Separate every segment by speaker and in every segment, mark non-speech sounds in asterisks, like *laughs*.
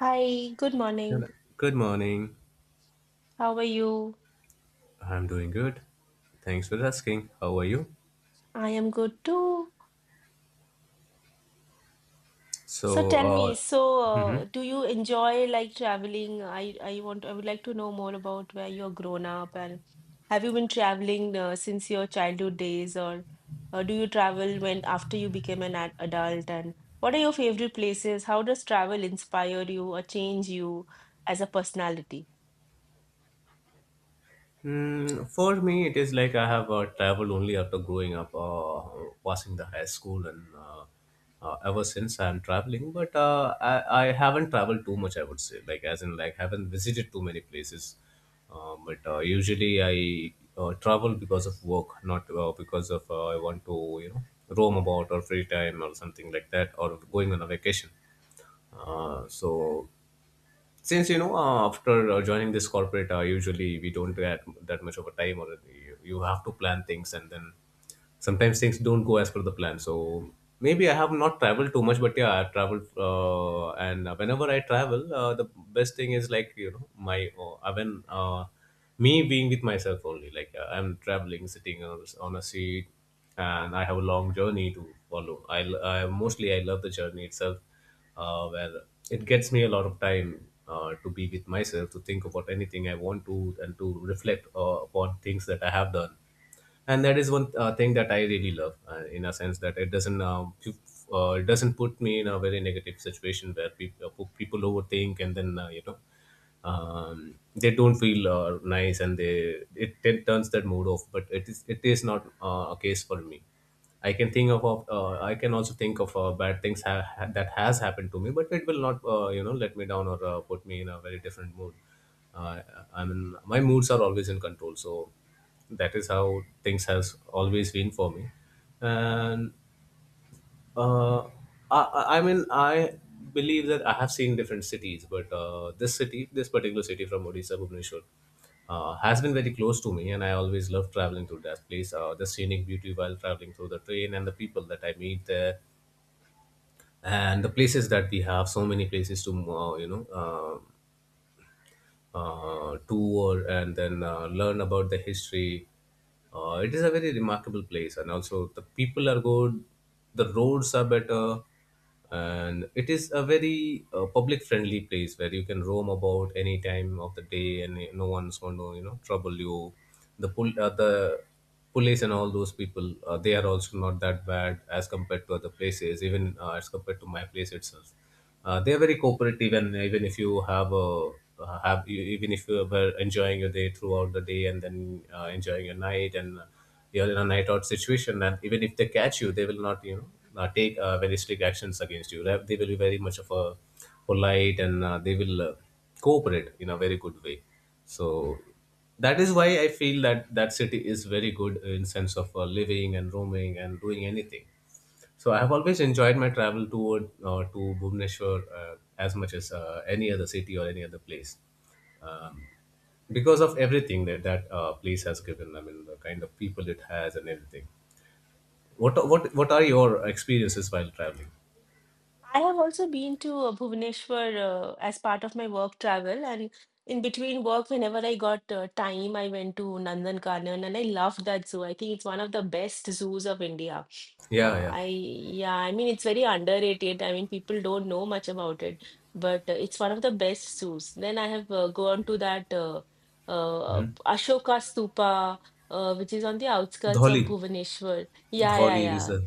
Speaker 1: Hi, good
Speaker 2: Hello.
Speaker 1: morning.
Speaker 2: Good morning.
Speaker 1: How are you?
Speaker 2: I'm doing good. Thanks for asking. How are you?
Speaker 1: I am good too. So
Speaker 2: So,
Speaker 1: tell
Speaker 2: uh,
Speaker 1: me,
Speaker 2: mhm.
Speaker 1: do you enjoy traveling? I would like to know more about where you're grown up and have you been traveling since your childhood days or do you travel when after you became an ad adult and what are your favorite places? How does travel inspire you or change you as a personality?
Speaker 2: For me, it is like I have traveled only after growing up, passing the high school, and ever since I'm traveling. But I haven't traveled too much. I would say, like as in, like haven't visited too many places. But Usually, I travel because of work, not because of I want to, roam about or free time or something like that, or going on a vacation. So since you know after joining this corporate usually we don't get that much of a time or you have to plan things, and then sometimes things don't go as per the plan. So maybe I have not traveled too much, but yeah, I traveled, and whenever I travel, the best thing is like my I when me being with myself only. Like I'm traveling, sitting on a seat and I have a long journey to follow. I mostly I love the journey itself, where it gets me a lot of time to be with myself, to think about anything I want to, and to reflect upon things that I have done. And that is one thing that I really love, in a sense that it doesn't it doesn't put me in a very negative situation where people overthink and then you know, they don't feel nice and they it turns that mood off. But it is not a case for me. I can think of, I can also think of bad things that has happened to me, but it will not, let me down or put me in a very different mood. Uh, I mean, my moods are always in control, so that is how things has always been for me. And uh, I, I mean I believe that I have seen different cities, but this particular city from Odisha, Bhubaneswar, has been very close to me, and I always love traveling to that place. The scenic beauty while traveling through the train, and the people that I meet there, and the places that we have, so many places to uh, you know uh, tour, and then learn about the history. It is a very remarkable place, and also the people are good, the roads are better, and it is a very public friendly place where you can roam about any time of the day, and no one's going to, you know, trouble you. The police and all those people, they are also not that bad as compared to other places, even as compared to my place itself. They are very cooperative, and even if you have a, even if you were enjoying your day throughout the day and then enjoying your night, and you're in a night out situation, and even if they catch you, they will not, you know, take very strict actions against you. They will be very much of a polite, and they will cooperate in a very good way. So that is why I feel that that city is very good in sense of living and roaming and doing anything. So I have always enjoyed my travel toward to Bhubaneswar, as much as any other city or any other place, um, because of everything that place has given. I mean, the kind of people it has and everything. What are your experiences while traveling?
Speaker 1: I have also been to Bhubaneswar as part of my work travel, and in between work, whenever I got time, I went to Nandankanan, and I loved that zoo. I think it's one of the best zoos of India.
Speaker 2: yeah yeah
Speaker 1: I Yeah, I mean it's very underrated. I mean people don't know much about it, but it's one of the best zoos. Then I have gone to that
Speaker 2: Mm-hmm.
Speaker 1: Ashoka Stupa, which is on the outskirts of
Speaker 2: Dholi.
Speaker 1: Bhubaneswar. Yeah, yeah,
Speaker 2: Dholi is
Speaker 1: yeah.
Speaker 2: a.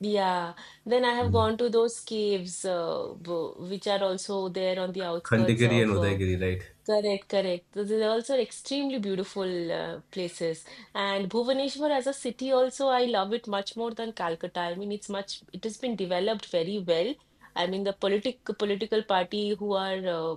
Speaker 1: Yeah, then I have
Speaker 2: Mm.
Speaker 1: gone to those caves, which are also there on the outskirts
Speaker 2: Khandagiri and
Speaker 1: of.
Speaker 2: Udaygiri, right?
Speaker 1: Correct, correct. Those are also extremely beautiful places. And Bhubaneswar as a city also, I love it much more than Calcutta. I mean, it's much. It has been developed very well. I mean, the political party who are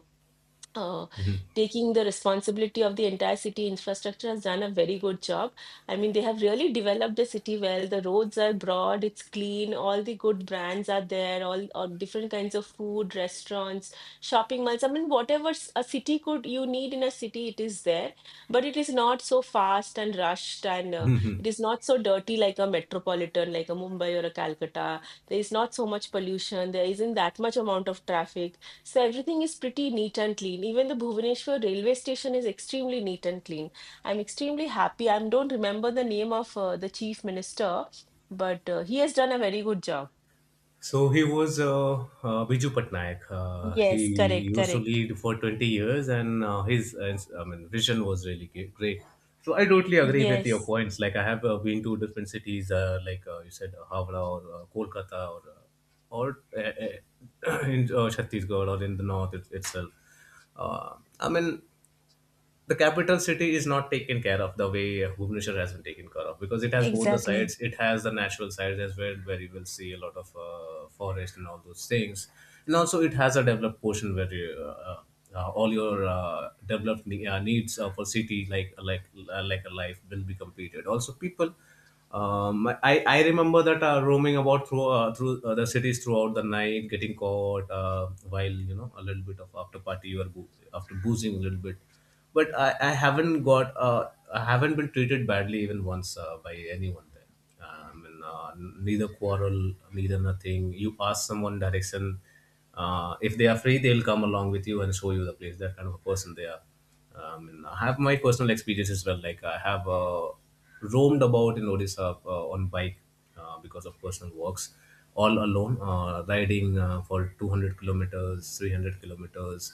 Speaker 1: uh, taking the responsibility of the entire city infrastructure has done a very good job. I mean, they have really developed the city well. The roads are broad, it's clean, all the good brands are there, all different kinds of food, restaurants, shopping malls. I mean, whatever s- a city could you need in a city, it is there, but it is not so fast and rushed, and it is not so dirty like a metropolitan, like a Mumbai or a Calcutta. There is not so much pollution, there isn't that much amount of traffic so everything is pretty neat and clean. Even the Bhubaneswar railway station is extremely neat and clean. I'm extremely happy. I don't remember the name of the chief minister, but he has done a very good job.
Speaker 2: So he was Biju Patnaik. He
Speaker 1: Yes, correct,
Speaker 2: used to
Speaker 1: correct.
Speaker 2: lead for 20 years, and his I mean, vision was really great. So I totally agree with your
Speaker 1: Yes,
Speaker 2: points. Like I have been to different cities, like you said, Havra or Kolkata, or *coughs* *clears throat* in Chhattisgarh or in the north itself. I mean, the capital city is not taken care of the way Bhubaneswar has been taken care of, because it has both the
Speaker 1: exactly.
Speaker 2: sides. It has the natural side as well, where you will see a lot of forest and all those things, and also it has a developed portion where all your developed needs for city like a life will be completed. Also, people. I remember that roaming about through the cities throughout the night, getting caught while, you know, a little bit of after party or after boozing a little bit. But I haven't got, I haven't been treated badly even once by anyone there. I mean, neither quarrel, neither nothing. You ask someone direction. If they are free, they'll come along with you and show you the place. That kind of a person they are. I mean, I have my personal experience as well. Like I have roamed about in Odisha on bike, because of personal works, all alone, riding for 200 kilometers, 300 kilometers,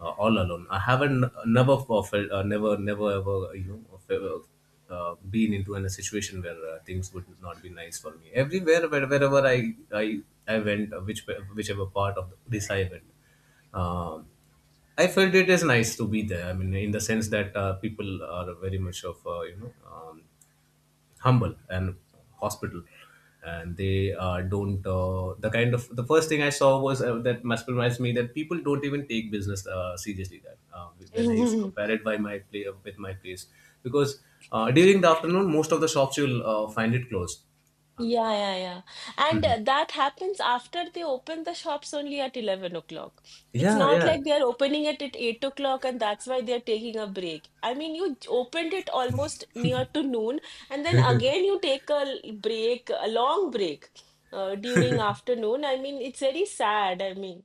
Speaker 2: all alone. I haven't, never felt, never, ever, you know, felt, been into, in a situation where things would not be nice for me. Everywhere wherever i I went, whichever part of this I went, um, I felt it is nice to be there. I mean, in the sense that people are very much of, humble and hospital, and they don't the kind of, the first thing I saw was that, must reminds me that people don't even take business seriously. That when I used to
Speaker 1: *laughs*
Speaker 2: compare it by my play, with my place, because during the afternoon, most of the shops you'll find it closed. um,
Speaker 1: Yeah, yeah, yeah. And
Speaker 2: Mhm.
Speaker 1: that happens after they open the shops only at 11 o'clock. It's
Speaker 2: yeah
Speaker 1: not
Speaker 2: yeah
Speaker 1: like they're opening it at 8 o'clock and that's why they're taking a break. I mean, opened it almost near to noon and then again you take a long break during afternoon. I mean, it's very sad. I mean,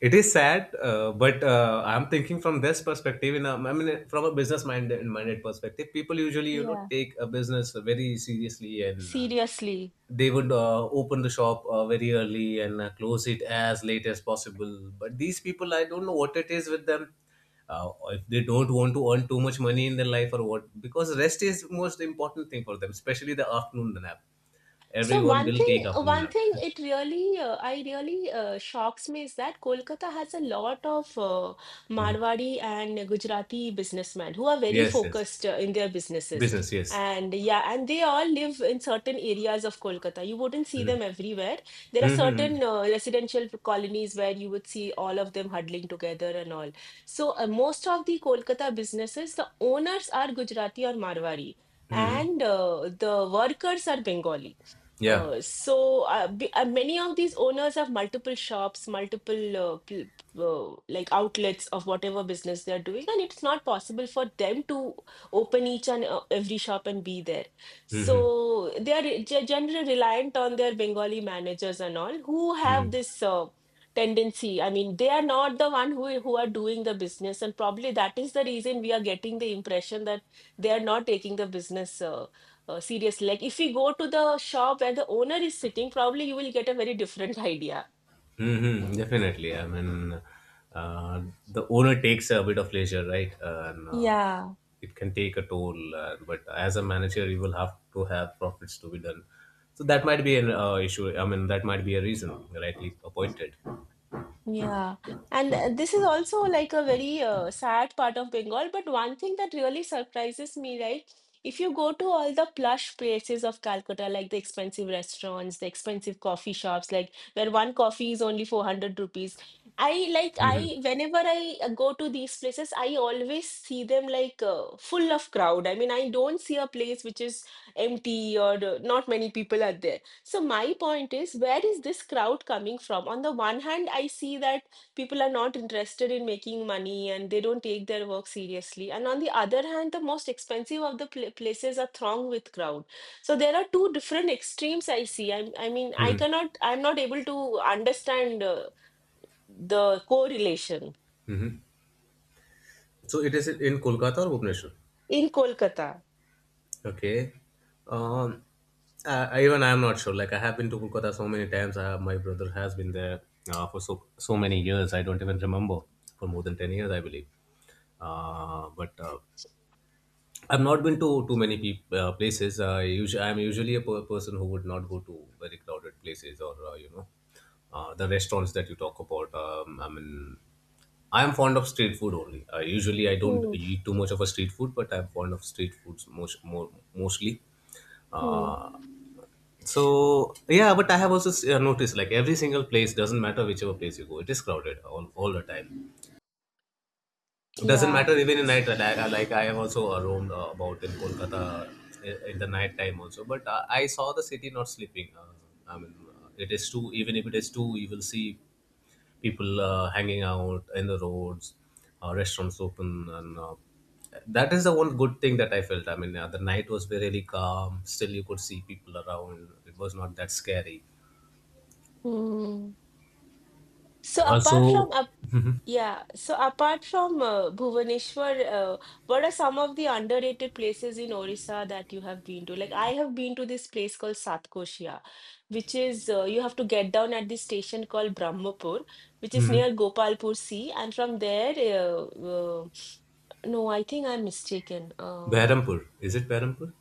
Speaker 2: It is sad, but I'm thinking from this perspective, in a, I mean, from a business minded perspective, people usually, you know,
Speaker 1: yeah,
Speaker 2: take a business very seriously, and
Speaker 1: seriously.
Speaker 2: they would open the shop very early and close it as late as possible. But these people, I don't know what it is with them. uh, if they don't want to earn too much money in their life, or what, because rest is most important thing for them, especially the afternoon nap.
Speaker 1: So
Speaker 2: Everyone will take afternoon
Speaker 1: one thing
Speaker 2: nap. *laughs*
Speaker 1: it really, I really shocks me is that Kolkata has a lot of
Speaker 2: Mhm.
Speaker 1: Marwadi and Gujarati businessmen who are very
Speaker 2: Yes, yes,
Speaker 1: focused in their businesses.
Speaker 2: business, yes.
Speaker 1: And yeah, and they all live in certain areas of Kolkata. You wouldn't see
Speaker 2: Mhm.
Speaker 1: them everywhere. There are
Speaker 2: Mhm.
Speaker 1: certain residential colonies where you would see all of them huddling together and all. So most of the Kolkata businesses, the owners are Gujarati or Marwari,
Speaker 2: Mhm.
Speaker 1: and the workers are Bengali.
Speaker 2: Yeah.
Speaker 1: So b Many of these owners have multiple shops, multiple pl uh, like outlets of whatever business they're doing, and it's not possible for them to open each and every shop and be there.
Speaker 2: Hmm.
Speaker 1: So they are generally reliant on their Bengali managers and all who
Speaker 2: Hmm.
Speaker 1: have this tendency. I mean, they are not the one who are doing the business, and probably that is the reason we are getting the impression that they are not taking the business. Seriously, like if you go to the shop where the owner is sitting probably you will get a very different *laughs* idea.
Speaker 2: Mm-hmm, definitely. I mean, uh, the owner takes a bit of leisure, right? And
Speaker 1: Yeah.
Speaker 2: it can take a toll. But as a manager, you will have to have profits to be done. So that might be an issue. I mean, that might be a reason, rightly appointed.
Speaker 1: Yeah, and this is also like a very sad part of Bengal. But one thing that really surprises me, right? If you go to all the plush places of Calcutta, like the expensive restaurants, the expensive coffee shops, like where one coffee is only 400 rupees, I like,
Speaker 2: Mm-hmm.
Speaker 1: I whenever I go to these places, I always see them like full of crowd. I mean, I don't see a place which is empty or not many people are there. So my point is, where is this crowd coming from? On the one hand, I see that people are not interested in making money and they don't take their work seriously. And on the other hand, the most expensive of the places are thronged with crowd. So there are two different extremes I see. I mean,
Speaker 2: Mm-hmm.
Speaker 1: I'm not able to understand the correlation
Speaker 2: So it is in Kolkata or Bhubaneswar?
Speaker 1: in Kolkata.
Speaker 2: Okay. Um, Even I'm not sure. Like I have been to Kolkata so many times. I have, my brother has been there for so many years. I don't even remember, for more than 10 years, I believe. But I've not been to too many peop places. I'm usually a person who would not go to very crowded places, or the restaurants that you talk about. I mean, I am fond of street food only. Usually, I don't
Speaker 1: Hmm.
Speaker 2: eat too much of a street food, but I'm fond of street foods more, mostly.
Speaker 1: Hmm.
Speaker 2: Uh, so yeah, but I have also noticed, like every single place, doesn't matter whichever place you go, it is crowded all the time. It doesn't
Speaker 1: Yeah.
Speaker 2: matter even in night. Like I have also roamed about in Kolkata in the night time also, but I saw the city not sleeping. I mean, it is too even if it is two, you will see people hanging out in the roads, restaurants open, and that is the one good thing that I felt. I mean, the night was really calm. Still, you could see people around. It was not that scary.
Speaker 1: Hmm. So apart from
Speaker 2: Also,
Speaker 1: Yeah, so apart from Bhubaneswar, what are some of the underrated places in Orissa that you have been to? Like, I have been to this place called Satkoshia, which is you have to get down at this station called Brahmapur, which is
Speaker 2: hmm.
Speaker 1: near Gopalpur Sea, and from there, no, I think I'm mistaken.
Speaker 2: Behrampur. Is it Behrampur?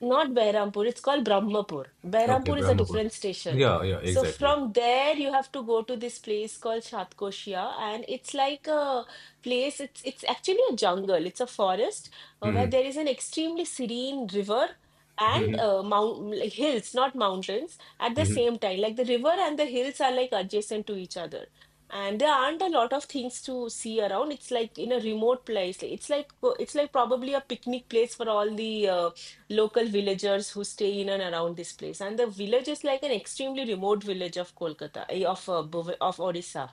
Speaker 1: Not Behrampur, it's called Brahmapur.
Speaker 2: Okay,
Speaker 1: Behrampur is a
Speaker 2: Brahmapur.
Speaker 1: different station.
Speaker 2: Yeah, yeah,
Speaker 1: So
Speaker 2: exactly.
Speaker 1: from there you have to go to this place called Shatkoshia and it's like a place it's actually a jungle, it's a forest where
Speaker 2: Hmm.
Speaker 1: there is an extremely serene river and
Speaker 2: Hmm.
Speaker 1: mount like hills, not mountains at the same time. Like the river and the hills are like adjacent to each other. And there aren't a lot of things to see around. It's like in a remote place. It's like probably a picnic place for all the local villagers who stay in and around this place. And the village is like an extremely remote village of Kolkata, eh, of Odisha,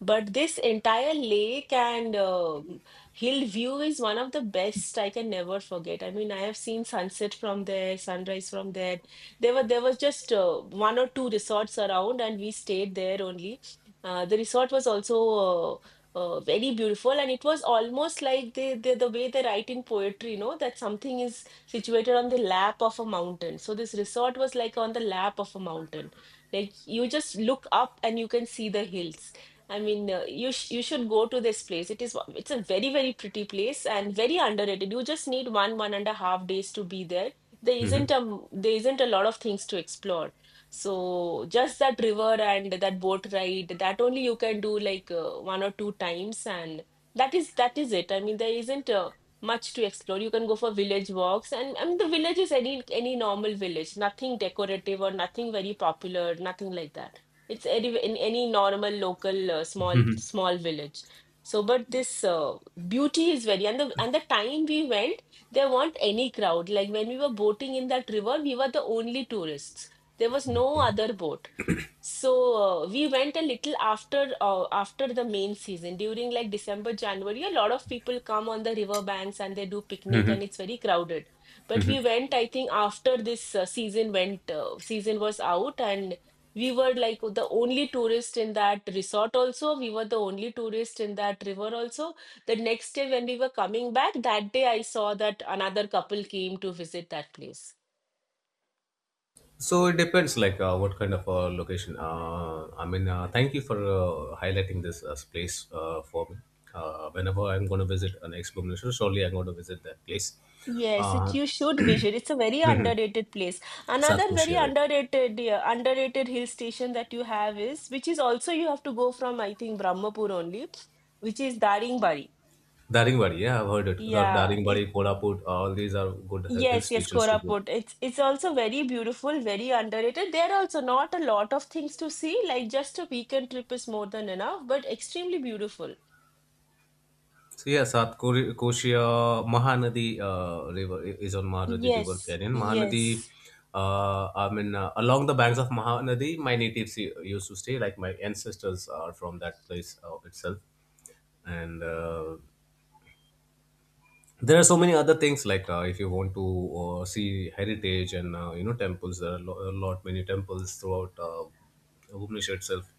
Speaker 1: but this entire lake and hill view is one of the best I can never forget. I mean, I have seen sunset from there, sunrise from there. There were There was just one or two resorts around, and we stayed there only. The resort was also uh, very beautiful, and it was almost like the way they write in poetry, you know, that something is situated on the lap of a mountain. So this resort was like on the lap of a mountain. Like you just look up and you can see the hills. I mean, you should go to this place. It's a very, very pretty place and very underrated. You just need 1.5 days to be there. There
Speaker 2: Hmm.
Speaker 1: isn't a m- There isn't a lot of things to explore. So just that river and that boat ride, that only you can do like one or two times, and that is it. I mean, there isn't much to explore. You can go for village walks, and I mean, the village is any normal village, nothing decorative or nothing very popular, nothing like that. It's any normal local small village. So, but this beauty is very and the time we went, there weren't any crowd. Like when we were boating in that river, we were the only tourists. There was no other
Speaker 2: Hmm.
Speaker 1: boat. So we went a little after after the main season during like December, January. A lot of people come on the river banks and they do picnic and it's very crowded. But we went, I think, after this season went season was out and we were like the only tourist in that resort also. We were the only tourist in that river also. The next day when we were coming back, that day I saw that another couple came to visit that place.
Speaker 2: So it depends, like what kind of location. I mean, thank you for highlighting this place for me. Whenever I'm going to visit an ex-Bhubaneswar, surely I'm going to visit that place.
Speaker 1: Yes, it
Speaker 2: Uh,
Speaker 1: you
Speaker 2: *coughs*
Speaker 1: should
Speaker 2: *clears throat*
Speaker 1: visit. It's a very underrated place. Another very
Speaker 2: Satkoshia, right?
Speaker 1: underrated, yeah, underrated hill station that you have is which is also you have to go from I think Brahmapur only, which is Daringbari.
Speaker 2: Daringbadi, yeah, I've heard it. The
Speaker 1: Yeah, it.
Speaker 2: Daringbadi, Kolhapur, all these are good hill
Speaker 1: Yes, yes,
Speaker 2: stations to go.
Speaker 1: Koraput. It's also very beautiful, very underrated. There are also not a lot of things to see, like just a weekend trip is more than enough, but extremely beautiful.
Speaker 2: So yeah, Korea, Mahanadi River is on Mahanadi River
Speaker 1: Yes,
Speaker 2: Canyon.
Speaker 1: yes,
Speaker 2: Along the banks of Mahanadi, my natives used to stay. Like my ancestors are from that place itself, and there are so many other things like if you want to see heritage and you know temples. There are a lot many temples throughout Bhubaneswar itself.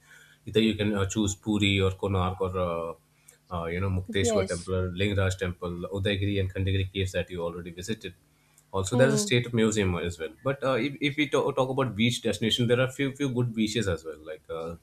Speaker 2: Either you can choose Puri or Konark or you know, Mukteshwar
Speaker 1: yes.
Speaker 2: temple or Lingaraj temple, Udayagiri and Khandagiri caves that you already visited. Also there's a
Speaker 1: Hmm.
Speaker 2: state museum as well, but if we talk about beach destination, there are few good beaches as well, like uh,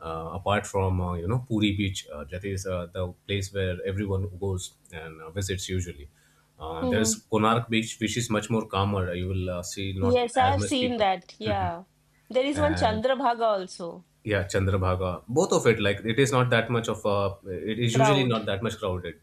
Speaker 2: uh, apart from you know, Puri Beach, that is the place where everyone goes and visits usually.
Speaker 1: Hmm.
Speaker 2: There's Konark Beach, which is much more calmer. You will see not
Speaker 1: Yes, I
Speaker 2: as
Speaker 1: have
Speaker 2: much
Speaker 1: seen
Speaker 2: people,
Speaker 1: that. Yeah. There is one
Speaker 2: and
Speaker 1: Chandrabhaga also.
Speaker 2: yeah, Chandrabhaga. Both of it, like it is not that much of a. It is usually
Speaker 1: Crowd.
Speaker 2: not that much crowded,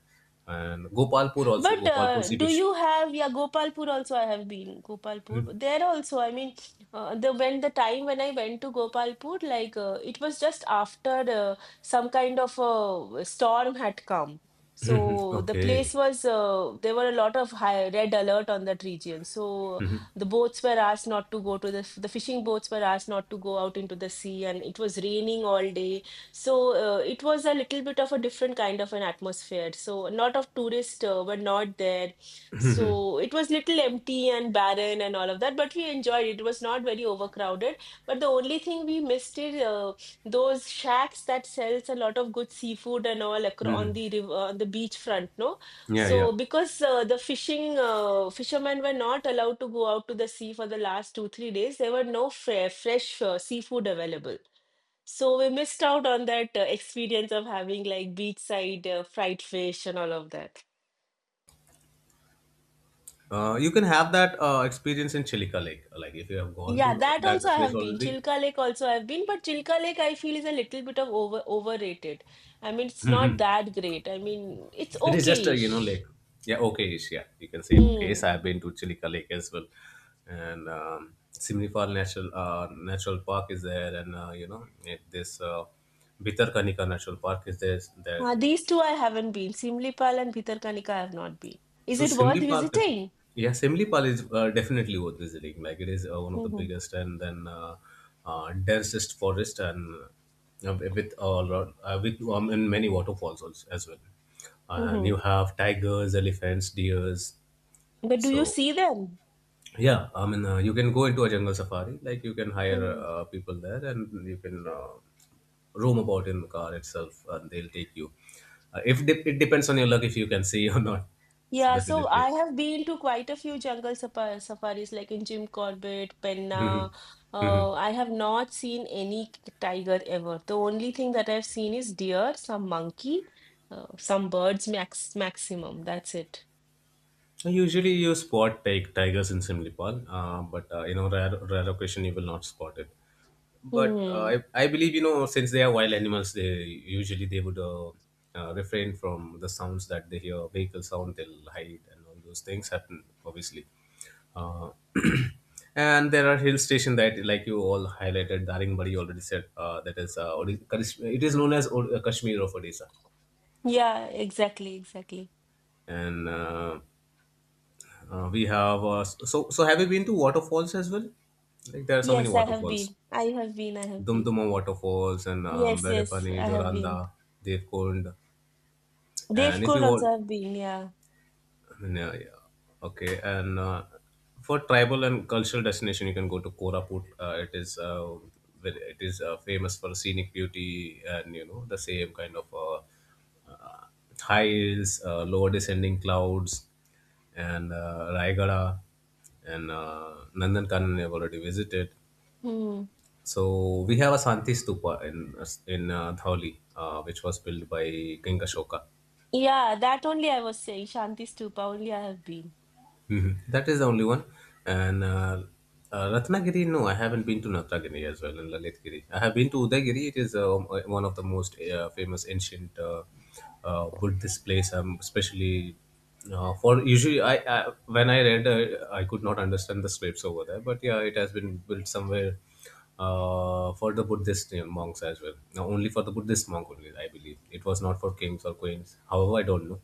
Speaker 2: and Gopalpur, also
Speaker 1: But
Speaker 2: Gopalpur Sea Beach.
Speaker 1: yeah, Gopalpur also I have been, Gopalpur.
Speaker 2: *laughs*
Speaker 1: There also, I mean, the when the time when I went to Gopalpur, like it was just after some kind of a storm had come.
Speaker 2: Mhm,
Speaker 1: So the
Speaker 2: okay.
Speaker 1: place was, there were a lot of high red alert on that region. So the boats were asked not to go to the fishing boats were asked not to go out into the sea, and it was raining all day so it was a little bit of a different kind of an atmosphere. So a lot of tourists were not there. So it was little empty and barren and all of that, but we enjoyed it. It was not very overcrowded. But the only thing we missed is those shacks that sells a lot of good seafood and all
Speaker 2: Hmm.
Speaker 1: on the river, on the beach front, no?
Speaker 2: Yeah,
Speaker 1: So
Speaker 2: yeah.
Speaker 1: because the fishing fishermen were not allowed to go out to the sea for the last two, 3 days, there were no fresh seafood available. So we missed out on that experience of having like beachside fried fish and all of that.
Speaker 2: You can have that experience in Chilika Lake, like if you have gone
Speaker 1: Yeah,
Speaker 2: to
Speaker 1: that
Speaker 2: that
Speaker 1: also I
Speaker 2: place
Speaker 1: have been.
Speaker 2: already.
Speaker 1: Chilka Lake also I've been, but Chilka Lake I feel is a little bit of overrated. I mean, it's not
Speaker 2: Mhm.
Speaker 1: that great. I mean, it's
Speaker 2: It is just a, you know,
Speaker 1: okay-ish.
Speaker 2: lake. Yeah, okay, ish. Yeah. You can say okay. So
Speaker 1: Hmm.
Speaker 2: I've been to Chilika Lake as well, and Simlifal National Natural Park is there, and you know it, this Bitarkanika National Park is there. There,
Speaker 1: These two I haven't been. Simlipal and Bhitarkanika I have not been. Is
Speaker 2: so
Speaker 1: it worth
Speaker 2: Simlipal, def-
Speaker 1: visiting?
Speaker 2: yeah, Simlipal is definitely worth visiting. Like it is one of
Speaker 1: Hmm,
Speaker 2: the
Speaker 1: hmm.
Speaker 2: biggest and then densest forest, and with all with and many waterfalls also as well.
Speaker 1: Hmm,
Speaker 2: And
Speaker 1: hmm.
Speaker 2: you have tigers, elephants, deers.
Speaker 1: But do you
Speaker 2: So
Speaker 1: see them?
Speaker 2: yeah, I mean, you can go into a jungle safari. Like you can hire
Speaker 1: Hmm.
Speaker 2: people there, and you can roam about in the car itself, and they'll take you. If de- It depends on your luck, if you can see *laughs* or not. So
Speaker 1: Yeah, so
Speaker 2: definitely.
Speaker 1: I have been to quite a few jungle safaris, like in Jim Corbett, Penna.
Speaker 2: Mhm. Mhm.
Speaker 1: I have not seen any tiger ever. The only thing that I've seen is deer, some monkey, some birds, maximum. That's it.
Speaker 2: Usually, you spot tigers in Simlipal, but you know, rare occasion you will not spot it, but uh,
Speaker 1: Hmm.
Speaker 2: I, I believe, you know, since they are wild animals, they usually they would refrain from the sounds that they hear. Vehicle sound, they'll hide and all those things happen obviously. uh, *clears throat* and there are hill station that like you all highlighted Daringbari already said, that is it is known as Kashmir of Odisha,
Speaker 1: Yeah, exactly, exactly.
Speaker 2: and we have so have you been to waterfalls as well? Like, there are so many
Speaker 1: Yes, I have
Speaker 2: waterfalls.
Speaker 1: been. I have been. I have been.
Speaker 2: Dumduma waterfalls and
Speaker 1: Yes, yes,
Speaker 2: Berepani,
Speaker 1: I have been.
Speaker 2: Joranda, Devkund. And if
Speaker 1: Devkund
Speaker 2: you
Speaker 1: also
Speaker 2: want,
Speaker 1: have been. Yeah.
Speaker 2: yeah, yeah, okay. And for tribal and cultural destination, you can go to Koraput. It is very, it is famous for scenic beauty and you know, the same kind of uh, high hills, lower descending clouds, and Raigada and Nandankanan I've already visited.
Speaker 1: Hmm.
Speaker 2: So we have a Santi Stupa in Dhauli, which was built by King Ashoka.
Speaker 1: Yeah, that only I was saying. Shanti Stupa only I have been.
Speaker 2: Mhm. That is the only one. And Ratnagiri, no, I haven't been to Ratnagiri as well, and Lalitgiri. I have been to Udagiri. It is one of the most famous ancient Buddhist place, especially for usually. I when I read, I could not understand the scripts over there, but yeah, it has been built somewhere for the Buddhist, you monks as well. Now, only for the Buddhist monk only, I believe. It was not for kings or queens. However, I don't know.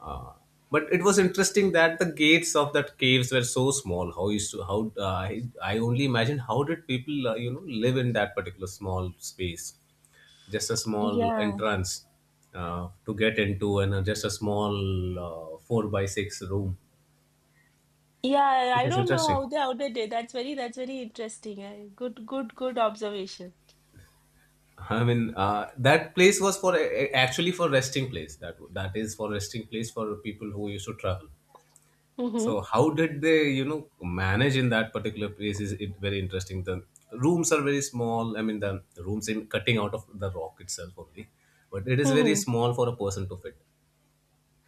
Speaker 2: Uh, but it was interesting that the gates of that caves were so small. How used to how I only imagine how did people you know, live in that particular small space, just a small
Speaker 1: Yeah.
Speaker 2: entrance to get into and just a small 4 by 6 room,
Speaker 1: Yeah,
Speaker 2: which
Speaker 1: I
Speaker 2: is
Speaker 1: don't know how
Speaker 2: interesting.
Speaker 1: they outed it. That's very interesting. Eh. Good, good observation.
Speaker 2: I mean that place was for actually for resting place. That is for resting place for people who used to travel.
Speaker 1: Mm-hmm.
Speaker 2: So how did they, you know, manage in that particular place? Is it very interesting? The rooms are very small. I mean, the rooms in cutting out of the rock itself only, but it is very
Speaker 1: Mm-hmm.
Speaker 2: small for a person to fit.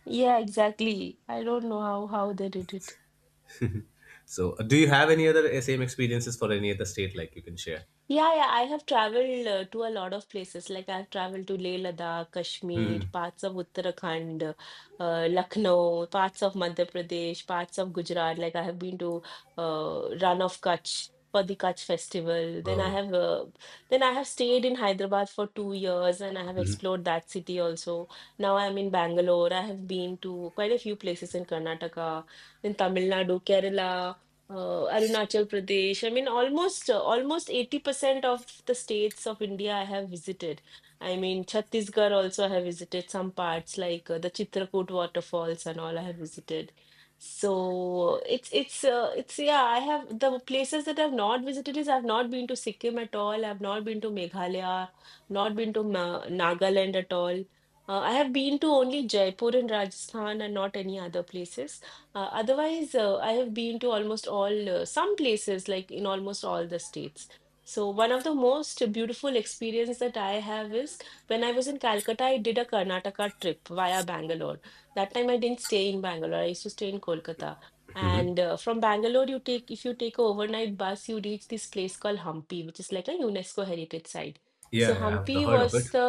Speaker 1: Yeah, exactly. I don't know how they did it.
Speaker 2: So, do you have any other same experiences for any other state like you can share?
Speaker 1: Yeah, yeah, I have traveled to a lot of places. Like I've traveled to Leh Ladakh,
Speaker 2: *laughs*
Speaker 1: Kashmir,
Speaker 2: Hmm.
Speaker 1: parts of Uttarakhand, Lucknow, parts of Madhya Pradesh, parts of Gujarat. Like I have been to Run of Kutch for the Kutch festival.
Speaker 2: Wow.
Speaker 1: Then I have stayed in Hyderabad for 2 years and I have
Speaker 2: Hmm.
Speaker 1: explored that city also. Now I'm in Bangalore. I have been to quite a few places in Karnataka, in Tamil Nadu, Kerala, Arunachal Pradesh. I mean, almost 80% of the states of India I have visited. I mean, Chhattisgarh also I have visited some parts like the Chitrakoot waterfalls and all I have visited. So it's yeah, I have the places that I've not visited is I've not been to Sikkim at all. I've not been to Meghalaya, not been to Ma Nagaland at all. I have been to only Jaipur in Rajasthan and not any other places. Otherwise, I have been to almost all some places, like in almost all the states. So one of the most beautiful experience that I have is when I was in Calcutta, I did a Karnataka trip via Bangalore. That time I didn't stay in Bangalore. I used to stay in Kolkata. And From Bangalore, you take if you take a overnight bus, you reach this place called Hampi, which is like a UNESCO heritage site.
Speaker 2: Yeah,
Speaker 1: So
Speaker 2: yeah, I've heard of it.
Speaker 1: The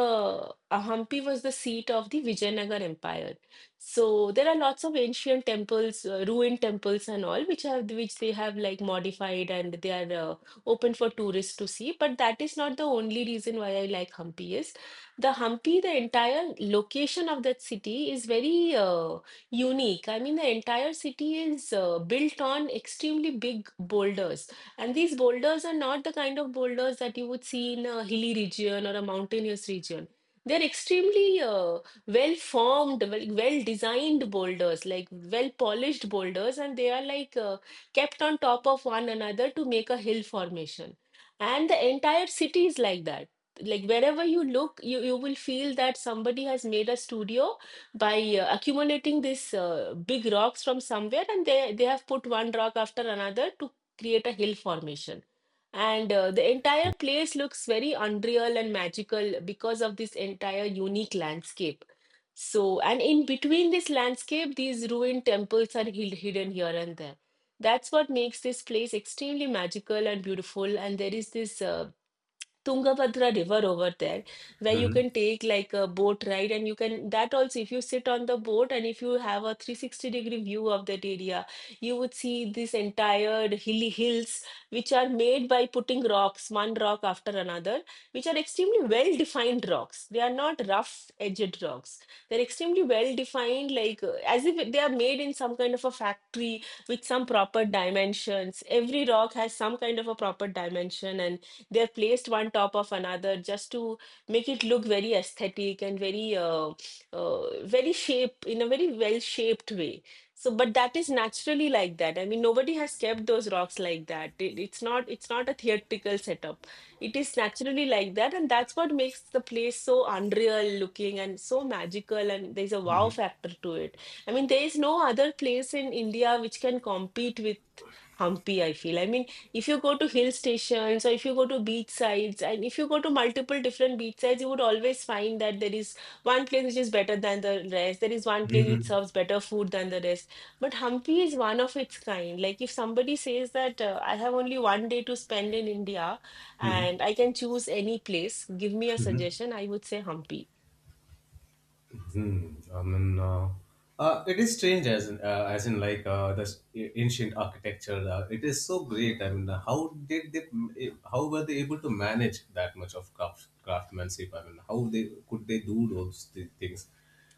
Speaker 1: uh, Hampi was the seat of the Vijayanagar Empire. So there are lots of ancient temples, ruined temples and all, which have which they have like modified and they are open for tourists to see. But that is not the only reason why I like Hampi is the Hampi, the entire location of that city is very unique. I mean, the entire city is built on extremely big boulders, and these boulders are not the kind of boulders that you would see in a hilly region or a mountainous region. They're extremely well designed boulders like well polished boulders and they are like kept on top of one another to make a hill formation, and the entire city is like that, like wherever you look you will feel that somebody has made a studio by accumulating these big rocks from somewhere and they have put one rock after another to create a hill formation. And The entire place looks very unreal and magical because of this entire unique landscape. So, and in between this landscape, these ruined temples are hidden here and there. That's what makes this place extremely magical and beautiful. And there is this Tungabhadra River over there, where you
Speaker 2: Hmm.
Speaker 1: can take like a boat ride, and you can that also. If you sit on the boat and if you have a 360 degree view of that area, you would see this entire hilly hills, which are made by putting rocks, one rock after another, which are extremely well defined rocks. They are not rough edged rocks. They're extremely well defined, like as if they are made in some kind of a factory with some proper dimensions. Every rock has some kind of a proper dimension and they're placed one top of another just to make it look very aesthetic and very very shape in a very well shaped way. So but that is naturally like that. I mean nobody has kept those rocks like that. It's not a theatrical setup, it is naturally like that, and that's what makes the place so unreal looking and so magical and there's a wow factor to it. I mean there is no other place in India which can compete with humpy, I feel. I mean, if you go to hill stations or if you go to beach sides and if you go to multiple different beach sides, you would always find that there is one place which is better than the rest. There is one place which serves better food than the rest. But Hampi is one of its kind. Like if somebody says that I have only one day to spend in India and I can choose any place, give me a suggestion, I would say Hampi.
Speaker 2: Hmm. I mean, it is strange as in like the ancient architecture. It is so great. I mean, how did they? How were they able to manage that much of craft, craftsmanship? I mean, how they could they do those things?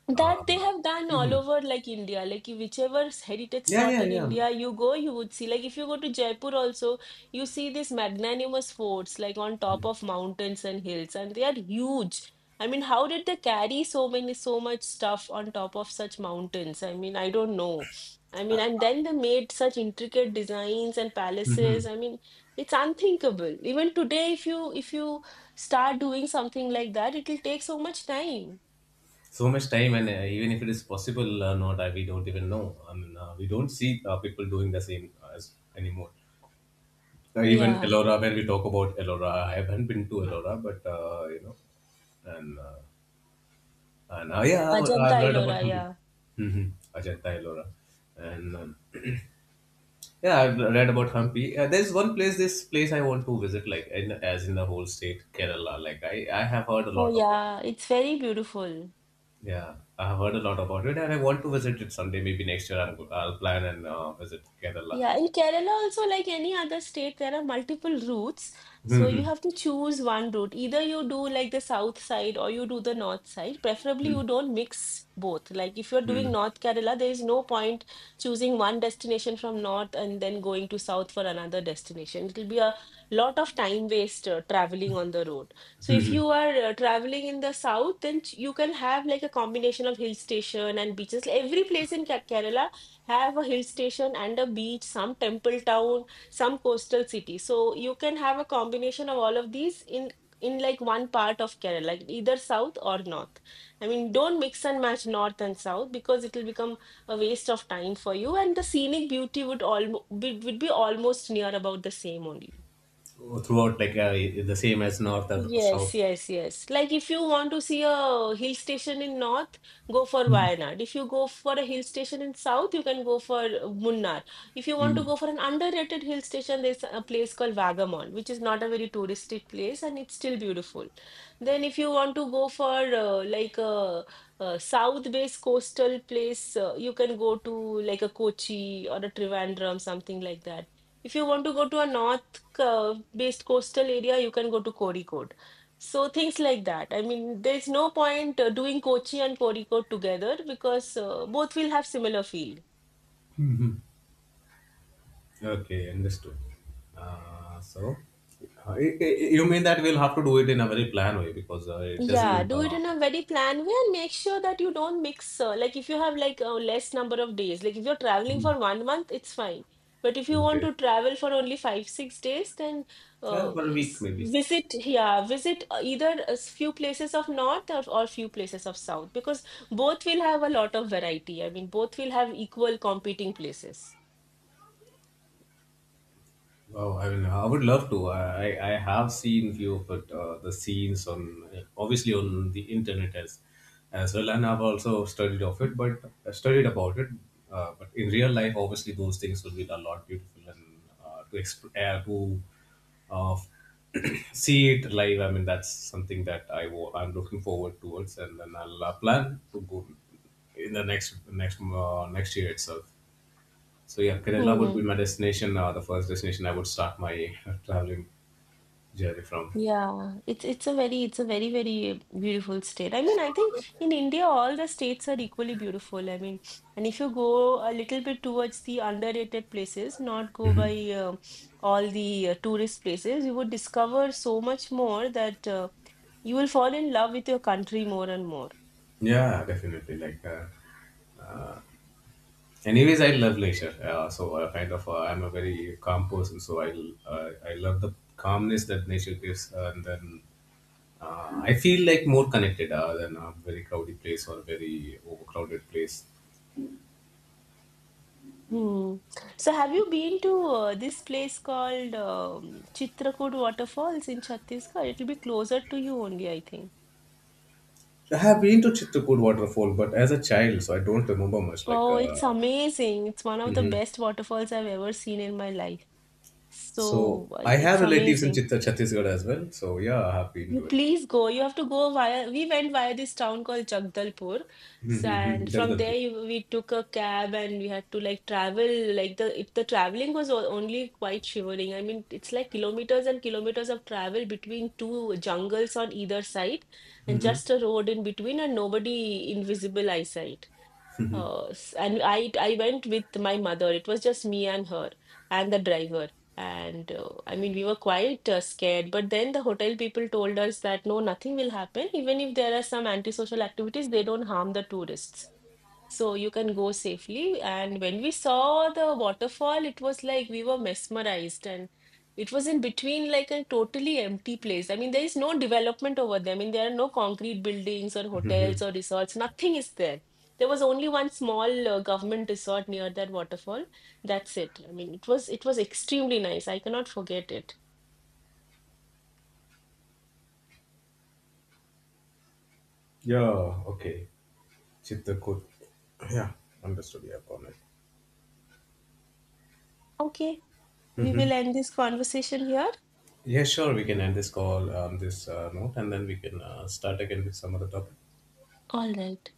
Speaker 1: That
Speaker 2: Uh,
Speaker 1: they have done all
Speaker 2: hmm.
Speaker 1: over like India, like whichever heritage
Speaker 2: Yeah,
Speaker 1: spot
Speaker 2: yeah,
Speaker 1: in
Speaker 2: yeah.
Speaker 1: India you go, you would see. Like if you go to Jaipur also, you see these magnanimous forts like on top of mountains and hills, and they are huge. I mean, how did they carry so many, so much stuff on top of such mountains? I mean, I don't know. I mean, and then they made such intricate designs and palaces.
Speaker 2: Hmm.
Speaker 1: I mean, it's unthinkable. Even today, if you start doing something like that, it'll take so much time.
Speaker 2: So much time, and even if it is possible or not, we don't even know. I mean, we don't see people doing the same as anymore. Even
Speaker 1: Yeah.
Speaker 2: Ellora, when we talk about Ellora, I haven't been to Ellora, but you know, and uh, and yeah, I've
Speaker 1: Ajanta
Speaker 2: read about
Speaker 1: Ellora,
Speaker 2: Hampi,
Speaker 1: yeah.
Speaker 2: mm-hmm. Ajanta Ellora, and *clears throat* yeah, I've read about Hampi. There's one place, this place I want to visit, like in, as in the whole state, Kerala. Like I have heard a
Speaker 1: Oh,
Speaker 2: lot about it.
Speaker 1: yeah, it's very beautiful.
Speaker 2: Yeah, I have heard a lot about it, and I want to visit it someday. Maybe next year, I'll plan and visit Kerala.
Speaker 1: Yeah, in Kerala also, like any other state, there are multiple routes. So you have
Speaker 2: *laughs*
Speaker 1: to choose one route. Either you do like the south side or you do the north side. Preferably you don't mix both. Like if you're
Speaker 2: Mm-hmm.
Speaker 1: doing North Kerala, there is no point choosing one destination from north and then going to south for another destination. It'll be a lot of time waste traveling on the road. So if you are traveling in the south, then you can have like a combination of hill station and beaches. Every place in Kerala have a hill station and a beach, some temple town, some coastal city. So you can have a combination of all of these in like one part of Kerala, like either south or north. I mean, don't mix and match north and south because it will become a waste of time for you, and the scenic beauty would all would be almost near about the same only.
Speaker 2: Throughout, like the same as north or
Speaker 1: Yes,
Speaker 2: south.
Speaker 1: yes, yes. Like if you want to see a hill station in north, go for Wayanad. If you go for a hill station in south, you can go for Munnar. If you want to
Speaker 2: Mm.
Speaker 1: go for an underrated hill station, there's a place called Vagamon, which is not a very touristic place and it's still beautiful. Then if you want to go for a south-based coastal place, you can go to like a Kochi or a Trivandrum, something like that. If you want to go to a north, based coastal area, you can go to Kozhikode. So things like that. I mean, there is no point doing Kochi and Kozhikode together because both will have similar feel.
Speaker 2: Okay, understood. Uh, so, you mean that we'll have to do it in a very planned way because it
Speaker 1: Yeah,
Speaker 2: doesn't.
Speaker 1: do it in a very planned way and make sure that you don't mix. Like if you have like a less number of days, like if you're traveling for
Speaker 2: Mhm,
Speaker 1: 1 month, it's fine. But if you want
Speaker 2: okay.
Speaker 1: to travel for only five, 6 days, then
Speaker 2: Yeah,
Speaker 1: uh,
Speaker 2: for a week maybe.
Speaker 1: visit yeah, visit either a few places of north or few places of south because both will have a lot of variety. I mean, both will have equal competing places.
Speaker 2: Wow, I mean, I would love to. I have seen few of it, the scenes on obviously on the internet as well, and I've also studied of it, but I studied about it. But in real life, obviously, those things will be a lot beautiful and to exp- to uh, *clears throat* see it live. I mean, that's something that I'm looking forward towards, and then I'll plan to go in the next year itself. So yeah, Kerala would
Speaker 1: Hmm.
Speaker 2: be my destination. The first destination I would start my traveling journey from.
Speaker 1: Yeah, it's a very very beautiful state. I mean, I think in India all the states are equally beautiful. I mean, and if you go a little bit towards the underrated places, not go by uh, all the tourist places, you would discover so much more that you will fall in love with your country more and more.
Speaker 2: Yeah, definitely. Like, uh, anyways, I love leisure. Kind of, I'm a very calm person. So I love the calmness that nature gives, and then I feel like more connected than a very crowded place or a very overcrowded place.
Speaker 1: Hmm. So, have you been to this place called Chitrakoot Waterfalls in Chhattisgarh? It'll be closer to you only, I think.
Speaker 2: I have been to Chitrakoot waterfall, but as a child, so I don't remember much. Like,
Speaker 1: Oh, it's amazing. It's one of the
Speaker 2: mhm.
Speaker 1: best waterfalls I've ever seen in my life.
Speaker 2: So
Speaker 1: So
Speaker 2: I
Speaker 1: it's
Speaker 2: have relatives in
Speaker 1: amazing.
Speaker 2: Chittor, Chhattisgarh as well. So yeah, I have been
Speaker 1: You
Speaker 2: to it.
Speaker 1: please go. You have to go via, we went via this town called Jagdalpur. So, and
Speaker 2: Mm-hmm.
Speaker 1: from there
Speaker 2: Jagdalpur.
Speaker 1: you, we took a cab and we had to like travel like the traveling was only quite shivering. I mean, it's like kilometers and kilometers of travel between two jungles on either side and
Speaker 2: Mm-hmm.
Speaker 1: just a road in between and nobody invisible eyesight. And I went with my mother. It was just me and her and the driver. And I mean, we were quite scared. But then the hotel people told us that no, nothing will happen. Even if there are some antisocial activities, they don't harm the tourists. So you can go safely. And when we saw the waterfall, it was like we were mesmerized. And it was in between like a totally empty place. I mean, there is no development over there. I mean, there are no concrete buildings or
Speaker 2: Mm-hmm.
Speaker 1: hotels or resorts. Nothing is there. There was only one small government resort near that waterfall. That's it. I mean, it was extremely nice. I cannot forget it.
Speaker 2: Yeah, okay. Chitrakoot. Yeah, understood. Yeah, got it.
Speaker 1: Okay, we will
Speaker 2: Hmm.
Speaker 1: end this conversation here.
Speaker 2: Yeah, sure. We can end this call on this note and then we can start again with some other topic.
Speaker 1: All right.